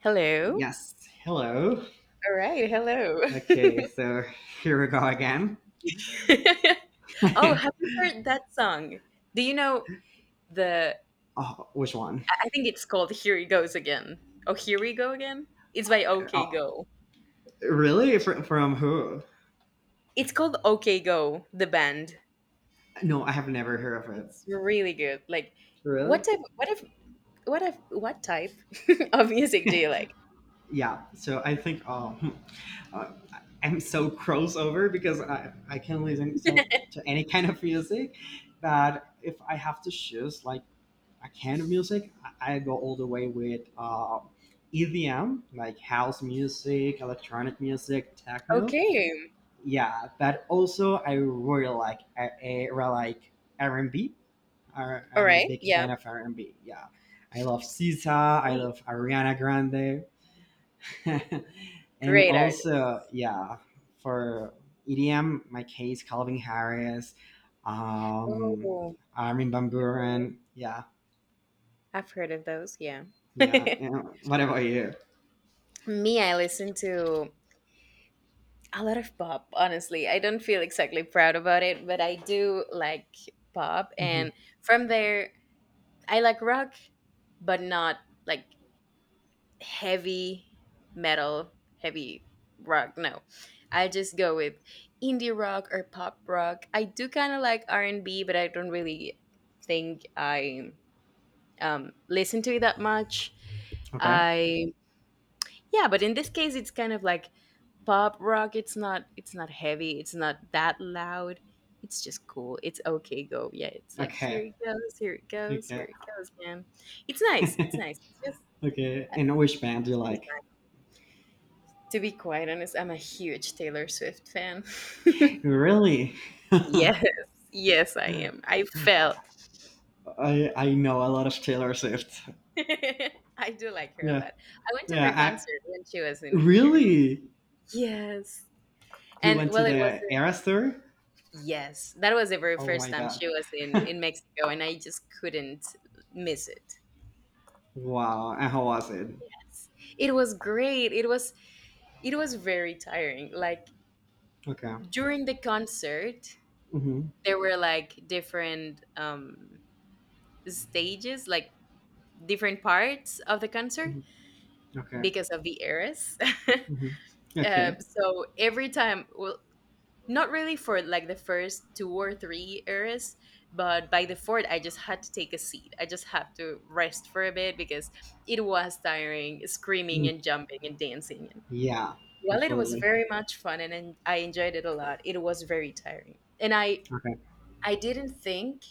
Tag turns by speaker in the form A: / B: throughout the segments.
A: Hello.
B: Yes. Hello.
A: All right. Hello.
B: Okay, so here we go again.
A: Oh, have you heard that song? Do you know the?
B: Oh, which one?
A: I think it's called "Here He Goes Again." Oh, here we go again. It's by OK
B: Oh,
A: Go.
B: really? From who?
A: It's called OK Go. The band.
B: No, I have never heard of it.
A: It's really good. Like,
B: Really?
A: what type? What if? What if? what type of music do you like?
B: Yeah. So I think oh, hmm, uh, I'm so crossover because I can listen to any kind of music, but if I have to choose like a kind of music, I go all the way with EDM, like house music, electronic music, techno.
A: Okay.
B: Yeah, but also I really like r&b.
A: All
B: Am a
A: right.
B: big
A: Yeah.
B: fan of r&b. Yeah, I love SZA, I
A: Right.
B: love ariana grande. And
A: Great artists.
B: also, yeah, for edm my case calvin harris, um
A: Oh,
B: armin van
A: okay.
B: buren. Yeah.
A: I've heard of those. Yeah.
B: Yeah, yeah. What about you?
A: Me, I listen to a lot of pop. Honestly, I don't feel exactly proud about it, but I do like pop,
B: Hmm.
A: and from there I like rock, but not like heavy metal, heavy rock. No, I just go with indie rock or pop rock. I do kind of like r&b, but I don't really think I listen to it that much.
B: Okay.
A: I Yeah, but in this case it's kind of like pop rock. It's not heavy, it's not that loud, it's just cool. It's okay go. Yeah, it's like "here
B: Okay.
A: it goes, here it goes, here
B: Okay.
A: it goes again." It's nice, it's nice. It's just—
B: Okay,
A: I don't
B: and which band do you
A: spend the
B: like?
A: time. To be quite honest, I'm a huge Taylor Swift fan.
B: Really?
A: Yes, yes, I am. I fell.
B: I know a lot of Taylor Swift.
A: I do like her a
B: Yeah,
A: lot. I went to
B: yeah.
A: her
B: I
A: concert when she was in here.
B: really,
A: Yes.
B: you
A: And
B: went to
A: well, it was—
B: the Eras tour.
A: Yes, that was the very
B: Oh
A: first
B: my
A: time
B: god!
A: she was in Mexico, and I just couldn't miss it.
B: Wow. And how was it?
A: Yes. It was great. It was very tiring. Like,
B: Okay.
A: during the concert,
B: Mm-hmm.
A: there were like different stages, like different parts of the concert
B: Hmm. Okay.
A: because of the eras.
B: Hmm. Okay.
A: So every time, well, not really for like the first 2 or 3 years, but by the fourth, I just had to take a seat. I just had to rest for a bit because it was tiring, screaming
B: Mm.
A: and jumping and dancing. And
B: Yeah.
A: while it was
B: Absolutely.
A: very much fun, and I enjoyed it a lot, it was very tiring. And I
B: Okay.
A: I didn't think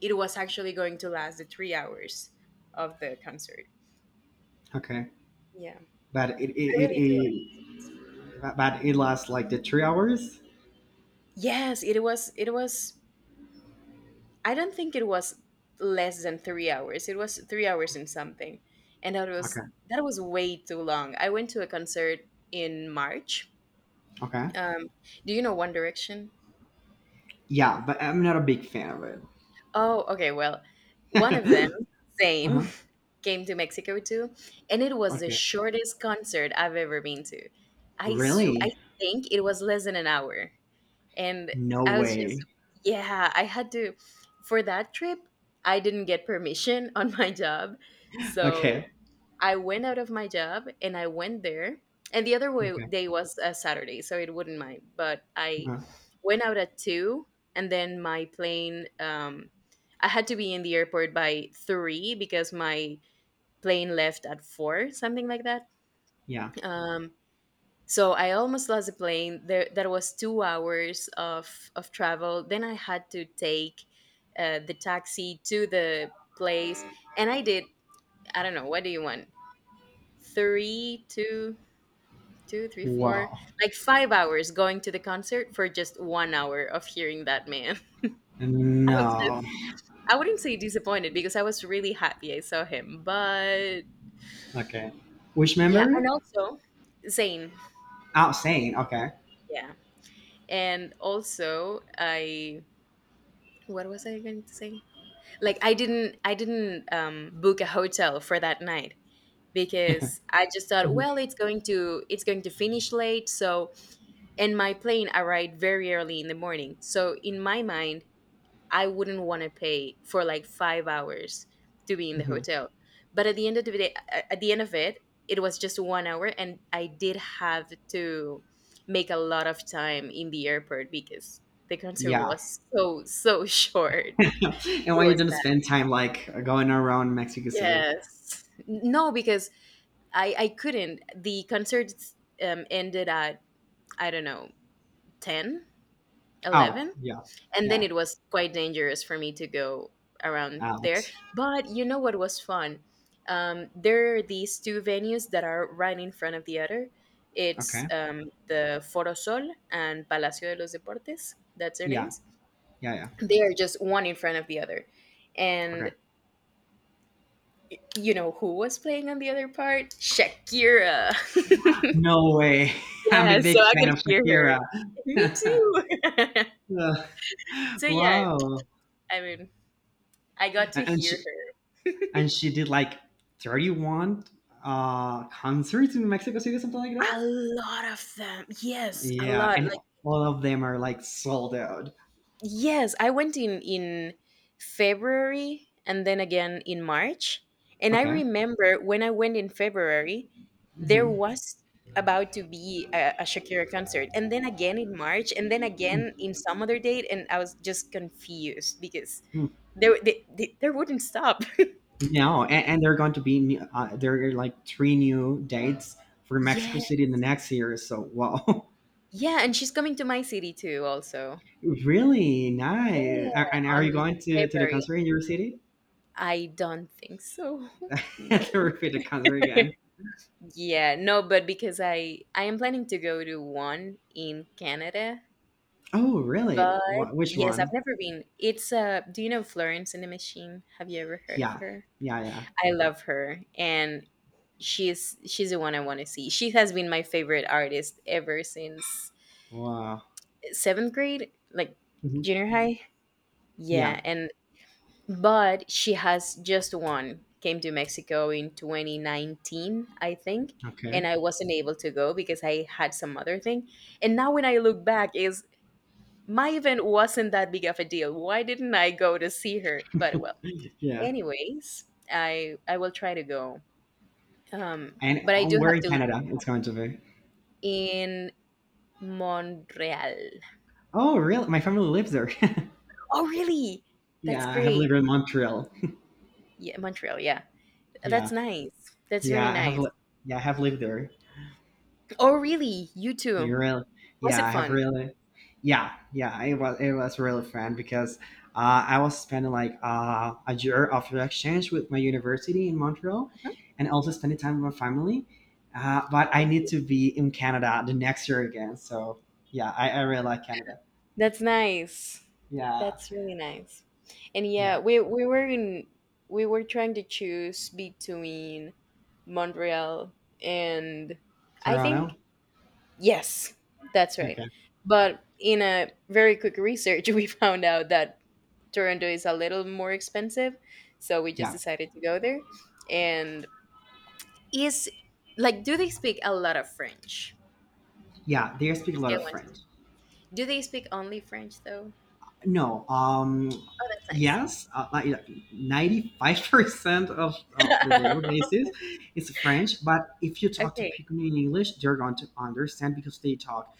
A: it was actually going to last the 3 hours of the concert.
B: Okay.
A: Yeah,
B: But it it,
A: I
B: it
A: really do like
B: it
A: it.
B: but it lasts like the 3 hours.
A: Yes, it was. I don't think it was less than 3 hours. It was 3 hours and something, and that
B: Okay.
A: was that was way too long. I went to a concert in March.
B: Okay.
A: Um, do you know One Direction?
B: Yeah, but I'm not a big fan of
A: Oh, okay. Well, one of them,
B: it.
A: same,
B: Uh-huh.
A: came to Mexico too, and it was the
B: Okay.
A: shortest concert I've ever been to. I
B: Really?
A: think it was less than an hour. And
B: No
A: I was just,
B: way.
A: yeah, I had to— for that trip, I didn't get permission on my job. So
B: Okay.
A: I went out of my job and I went there. And the other way
B: Okay.
A: day was a Saturday, so it wouldn't mind, but I
B: Uh,
A: went out at 2, and then my plane— I had to be in the airport by 3 because my plane left at 4, something like that.
B: yeah.
A: Um so I almost lost the plane. There, that was 2 hours of travel. Then I had to take the taxi to the place, and I did. I don't know. What do you want? Three, two, two, three, four,
B: Wow.
A: like 5 hours going to the concert for just 1 hour of hearing that man. I was just—
B: No.
A: I wouldn't say disappointed because I was really happy I saw him. But
B: Okay. Which
A: yeah,
B: memory?
A: and also Zayn,
B: Oh, sane. Okay.
A: yeah, and also I— What was I going to say? Like, I didn't book a hotel for that night because I just thought,
B: Mhm.
A: well, it's going to finish late. So, and my plane arrived very early in the morning, so in my mind I wouldn't want to pay for like 5 hours to be in the
B: Mhm.
A: hotel. But at the end of it, it was just 1 hour, and I did have to make a lot of time in the airport because the concert
B: Yeah.
A: was so so short.
B: And why
A: It
B: you
A: was
B: didn't spend time like going around Mexico City?
A: Yes. No, because I couldn't. The concerts ended at, I don't know, 10,
B: Oh,
A: 11,
B: yeah.
A: and then
B: Yeah.
A: it was quite dangerous for me to go around there.
B: Out.
A: But you know what was fun? There are these two venues that are right in front of the other. It's
B: Okay.
A: the Foro Sol and Palacio de los Deportes. That's their
B: Yeah.
A: names.
B: Yeah. Yeah.
A: They are just one in front of the other,
B: Okay.
A: and— you know who was playing on the other part? Shakira.
B: No way. I'm a
A: Yeah, so
B: big
A: I
B: fan
A: could
B: of
A: hear her.
B: Shakira.
A: Me too.
B: Uh,
A: So yeah,
B: wow.
A: I mean, I got to
B: A-
A: hear
B: and she did like 31 concerts in Mexico City, something like,
A: her. A lot of them. Yes, a
B: yeah,
A: lot.
B: and
A: Like—
B: all of them are like sold out.
A: Yes, I went in February and then again in March. And I
B: Okay.
A: remember when I went in February, there
B: Mhm.
A: was about to be a Shakira concert, and then again in March, and then again in some other date, and I was just confused because
B: Mhm.
A: there wouldn't stop.
B: No, and there are going to be new- there are like three new dates for
A: Yeah,
B: Mexico City in the next year. So wow,
A: yeah, and she's coming to my city too, also.
B: really nice.
A: Yeah,
B: A- And are
A: on
B: you going to the
A: February.
B: concert in your city?
A: I don't think so.
B: I had to
A: No.
B: repeat the concert again.
A: Yeah, no, but because I am planning to go to one in Canada,
B: Oh, really?
A: but
B: What? Which
A: yes, I've
B: one?
A: never been. It's Do you know Florence and the Machine? Have you ever heard of
B: Yeah,
A: her?
B: yeah, yeah.
A: I love her, and she's the one I want to see. She has been my favorite artist ever since
B: Wow.
A: 7th grade, like
B: Mhm.
A: junior high.
B: Yeah.
A: Yeah, and but she has just one came to Mexico in 2019, I think,
B: Okay.
A: and I wasn't able to go because I had some other thing. And now when I look back is— my event wasn't that big of a deal. Why didn't I go to see her? But well,
B: Yeah.
A: anyways, I will try to go.
B: And
A: But I do
B: where
A: have
B: in
A: to leave.
B: Canada it's going to be?
A: In Montreal.
B: Oh, really? My family lives there.
A: Oh, really? That's
B: Yeah, I have
A: great.
B: lived in Montreal.
A: Yeah, Montreal, yeah. That's
B: Yeah,
A: nice. That's very
B: yeah, I have.
A: nice.
B: Li- yeah, I have lived there.
A: Oh, really? You too?
B: You really?
A: Was
B: Yeah,
A: it
B: I have
A: fun?
B: really. Yeah, yeah, it was really fun because I was spending like a year of exchange with my university in Montreal,
A: Uh-huh.
B: and also spending time with my family. But I
A: That's
B: need
A: cute.
B: to be in Canada the next year again. So yeah, I really like Canada.
A: That's nice.
B: Yeah,
A: That's really nice. And yeah,
B: yeah,
A: we were trying to choose between Montreal and— I
B: Toronto.
A: think yes, that's right.
B: Okay.
A: But in a very quick research, we found out that Toronto is a little more expensive, so we just
B: Yeah,
A: decided to go there. And is, like, do they speak a lot of French?
B: yeah, they speak a lot
A: Scale
B: of
A: one.
B: French.
A: Do they speak only French though?
B: No,
A: Oh, that's nice.
B: yes, like yeah, 95% of the daily basis, is French. But if you talk to
A: Okay.
B: people in English, they're going to understand because they talk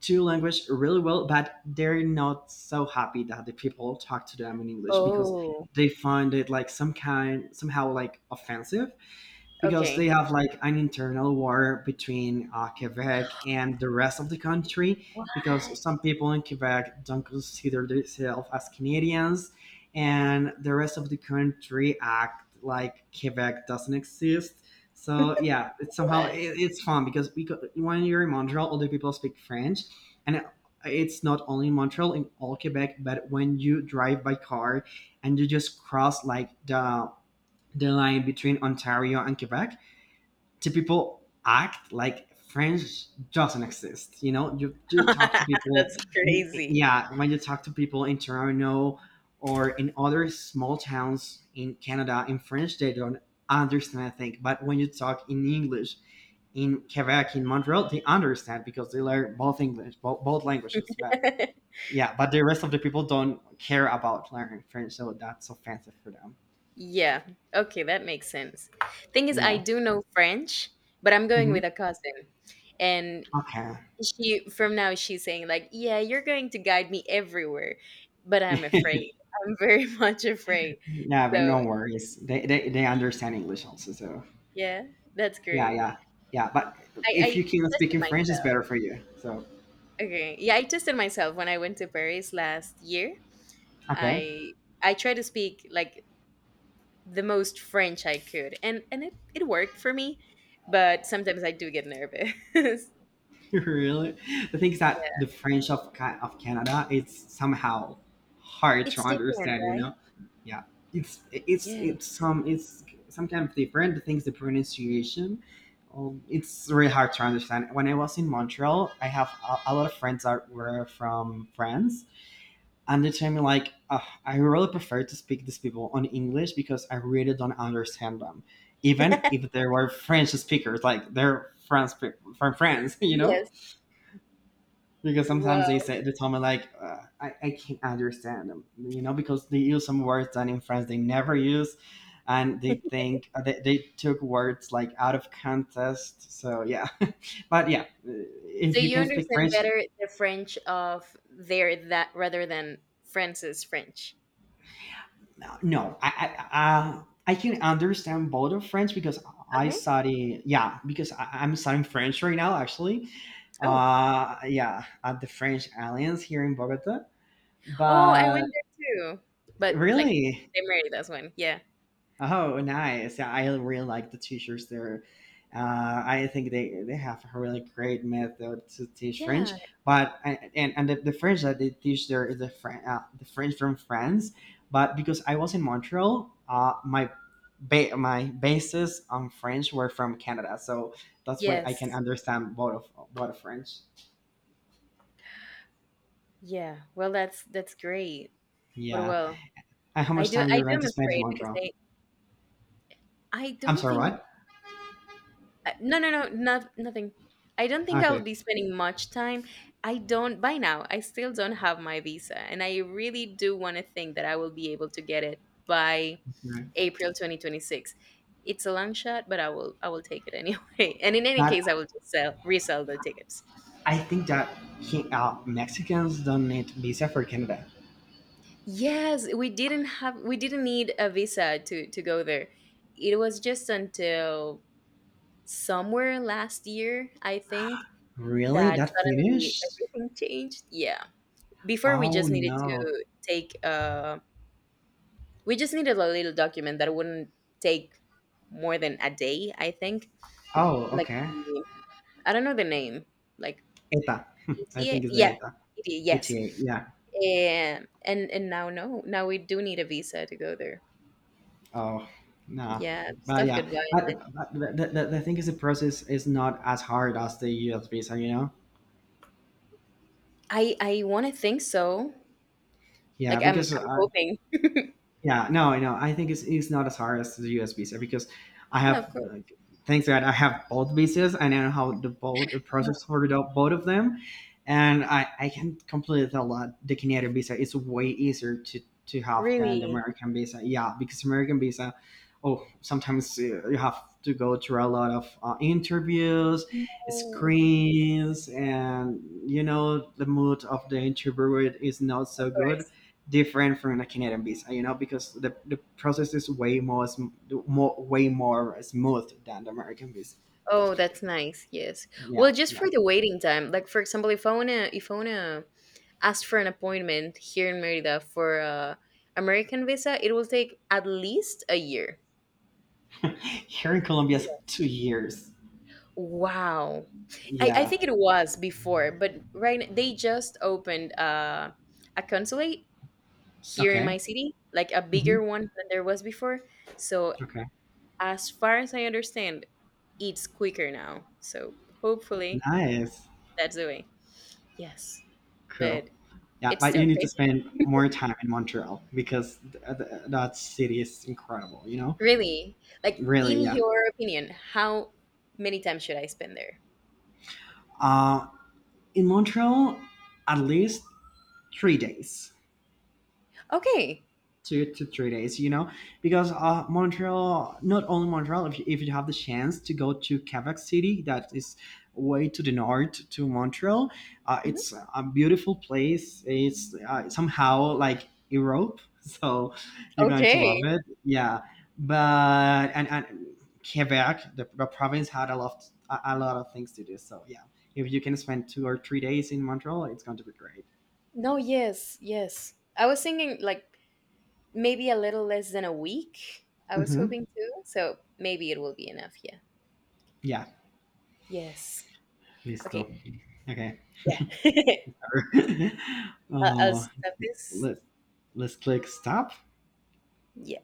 B: two language really well. But they're not so happy that the people talk to them in English because
A: Oh,
B: they find it like somehow like offensive because they
A: okay.
B: have like an internal war between Quebec and the rest of the country
A: What?
B: because some people in Quebec don't consider themselves as Canadians and the rest of the country act like Quebec doesn't exist. So yeah, it's somehow
A: What?
B: it's fun because when you're in Montreal, other people speak French, and it's not only in Montreal in all Quebec, but when you drive by car and you just cross like the line between Ontario and Quebec, to people act like French doesn't exist. You know, you talk to people,
A: That's crazy.
B: yeah, when you talk to people in Toronto or in other small towns in Canada, in French, they don't understand, I think. But when you talk in English, in Quebec, in Montreal, they understand because they learn both English, both languages. But yeah, but the rest of the people don't care about learning French, so that's offensive for them.
A: Yeah. Okay, that makes sense. Thing is, I
B: Yeah.
A: do know French, but I'm going
B: Hmm.
A: with a cousin. And
B: Okay.
A: she, from now, she's saying, like, yeah, you're going to guide me everywhere. But I'm afraid. I'm very much afraid.
B: Yeah, but
A: So,
B: no worries. They understand English also. So
A: yeah, that's
B: yeah,
A: great.
B: yeah, yeah. But
A: I
B: if you can speak
A: tested
B: in French, it's
A: myself.
B: better for you. So
A: Okay. Yeah, I tested myself when I went to Paris last year.
B: okay,
A: I I tried to speak like the most French I could, and it worked for me, but sometimes I do get nervous. Yeah,
B: really. The thing is that the French of Canada it's somehow hard to
A: it's different,
B: understand. You
A: right?
B: know, yeah.
A: Yeah.
B: It's some kind of different. The things the pronunciation. It's really hard to understand. When I was in Montreal, I have a lot of friends that were from France, and they tell me like I really prefer to speak these people on english because I really don't understand them, even if they were french speakers, like they're france, from france. You know,
A: Yes.
B: because sometimes
A: Wow.
B: they tell me like I can't understand them, you know, because they use some words that in france they never use, and they think they took words like out of context. So yeah, but yeah, uh,
A: So
B: if you
A: you
B: can speak
A: understand
B: french.
A: better the French of there that rather than France's French.
B: No, I can understand both of French because I
A: Okay.
B: study. Yeah, because I'm studying French right now, actually.
A: Oh.
B: Yeah, at the French Alliance here in Bogota.
A: Oh, I went
B: But
A: there too. But like
B: really,
A: they married us one. Yeah.
B: oh, nice. Yeah, I really like the teachers there. I think they have a really great method to teach French.
A: Yeah.
B: But the French that they teach there is the French from France. But because I was in Montreal, my bases on French were from Canada, so that's why I
A: Yes.
B: can understand both of French.
A: Yeah. Well, that's great. But
B: Yeah.
A: well,
B: And how
A: I
B: much
A: do
B: time
A: I
B: you're
A: do
B: going
A: am
B: to spend in
A: afraid because
B: Montreal?
A: I
B: I'm
A: don't
B: sorry,
A: think—
B: what?
A: no, no, no, not nothing. I don't think I'll
B: Okay.
A: be spending much time. I don't. By now, I still don't have my visa, and I really do want to think that I will be able to get it by
B: Right.
A: April 2026. It's a long shot, but I will take it anyway. And in any
B: But
A: case, I will just sell resell the tickets.
B: I think that Mexicans don't need visa for Canada.
A: Yes, we didn't need a visa to go there. It was just until somewhere last year, I think,
B: Really?
A: that
B: That
A: suddenly
B: Finnish?
A: everything changed. Yeah. Before
B: Oh no.
A: we just needed a little document that wouldn't take more than a day, I think.
B: Oh,
A: Like
B: okay.
A: the— I don't know the name. Like
B: ETA. I
A: ETA?
B: think it's the
A: Yeah.
B: ETA.
A: ETA, yes.
B: ETA. Yeah.
A: And now, no. Now we do need a visa to go there.
B: Oh, no.
A: Yeah,
B: But
A: stuff
B: yeah,
A: goodbye.
B: but, but the thing is, the process is not as hard as the US visa, you know?
A: I want to think so.
B: Yeah,
A: Like, I'm
B: because
A: I'm hoping.
B: yeah, no, I know. I think it's not as hard as the US visa because I
A: No, of
B: have
A: course.
B: like, thanks God I have both visas. I know how the both the process for the, both of them, and I can completely tell that the Canadian visa is way easier to have than the
A: Really?
B: American visa. Yeah, because American visa, oh, sometimes you have to go through a lot of interviews,
A: No.
B: screens, and you know the mood of the interviewer is not
A: Of
B: so good,
A: course.
B: different from a Canadian visa, you know, because the process is way more, sm- more way more smooth than the American visa.
A: Oh, that's nice. Yes. Well,
B: Yeah,
A: just
B: yeah.
A: for the waiting time, like for example, if I wanna ask for an appointment here in Merida for a American visa, it will take at least a year.
B: Here in Colombia, it's 2 years.
A: Wow. I
B: Yeah.
A: think it was before, but they just opened a consulate here in
B: Okay.
A: my city, like a
B: Hmm.
A: bigger one than there was before. So
B: Okay.
A: as far as I understand, it's quicker now. So hopefully
B: Nice.
A: that's the way. Yes.
B: Cool.
A: But—
B: Yeah,
A: it's
B: but
A: still
B: you need to
A: crazy.
B: spend more time in Montreal because that city is incredible. You know,
A: Really? Like,
B: really.
A: in
B: Yeah.
A: your opinion, how many times should I spend there?
B: Uh, in Montreal, at least 3 days.
A: Okay.
B: 2 to 3 days, you know, because montreal not only montreal, if if you have the chance to go to quebec city, that is way to the north to montreal. Uh,
A: Mhm.
B: it's a beautiful place, it's somehow like europe. So you're going to love
A: Okay.
B: it. Yeah, and quebec the province had a lot, a lot of things to do. So yeah, if you can spend 2 or 3 days in montreal, it's going to be great.
A: No, yes, yes. I was thinking like maybe a little less than a week. I was
B: Hmm.
A: hoping to, so maybe it will be enough. Yeah.
B: Yeah.
A: Yes.
B: Listo.
A: Okay.
B: Okay.
A: Yeah. I'll
B: uh,
A: stop this.
B: let's let's click stop.
A: Yeah.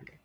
B: Okay.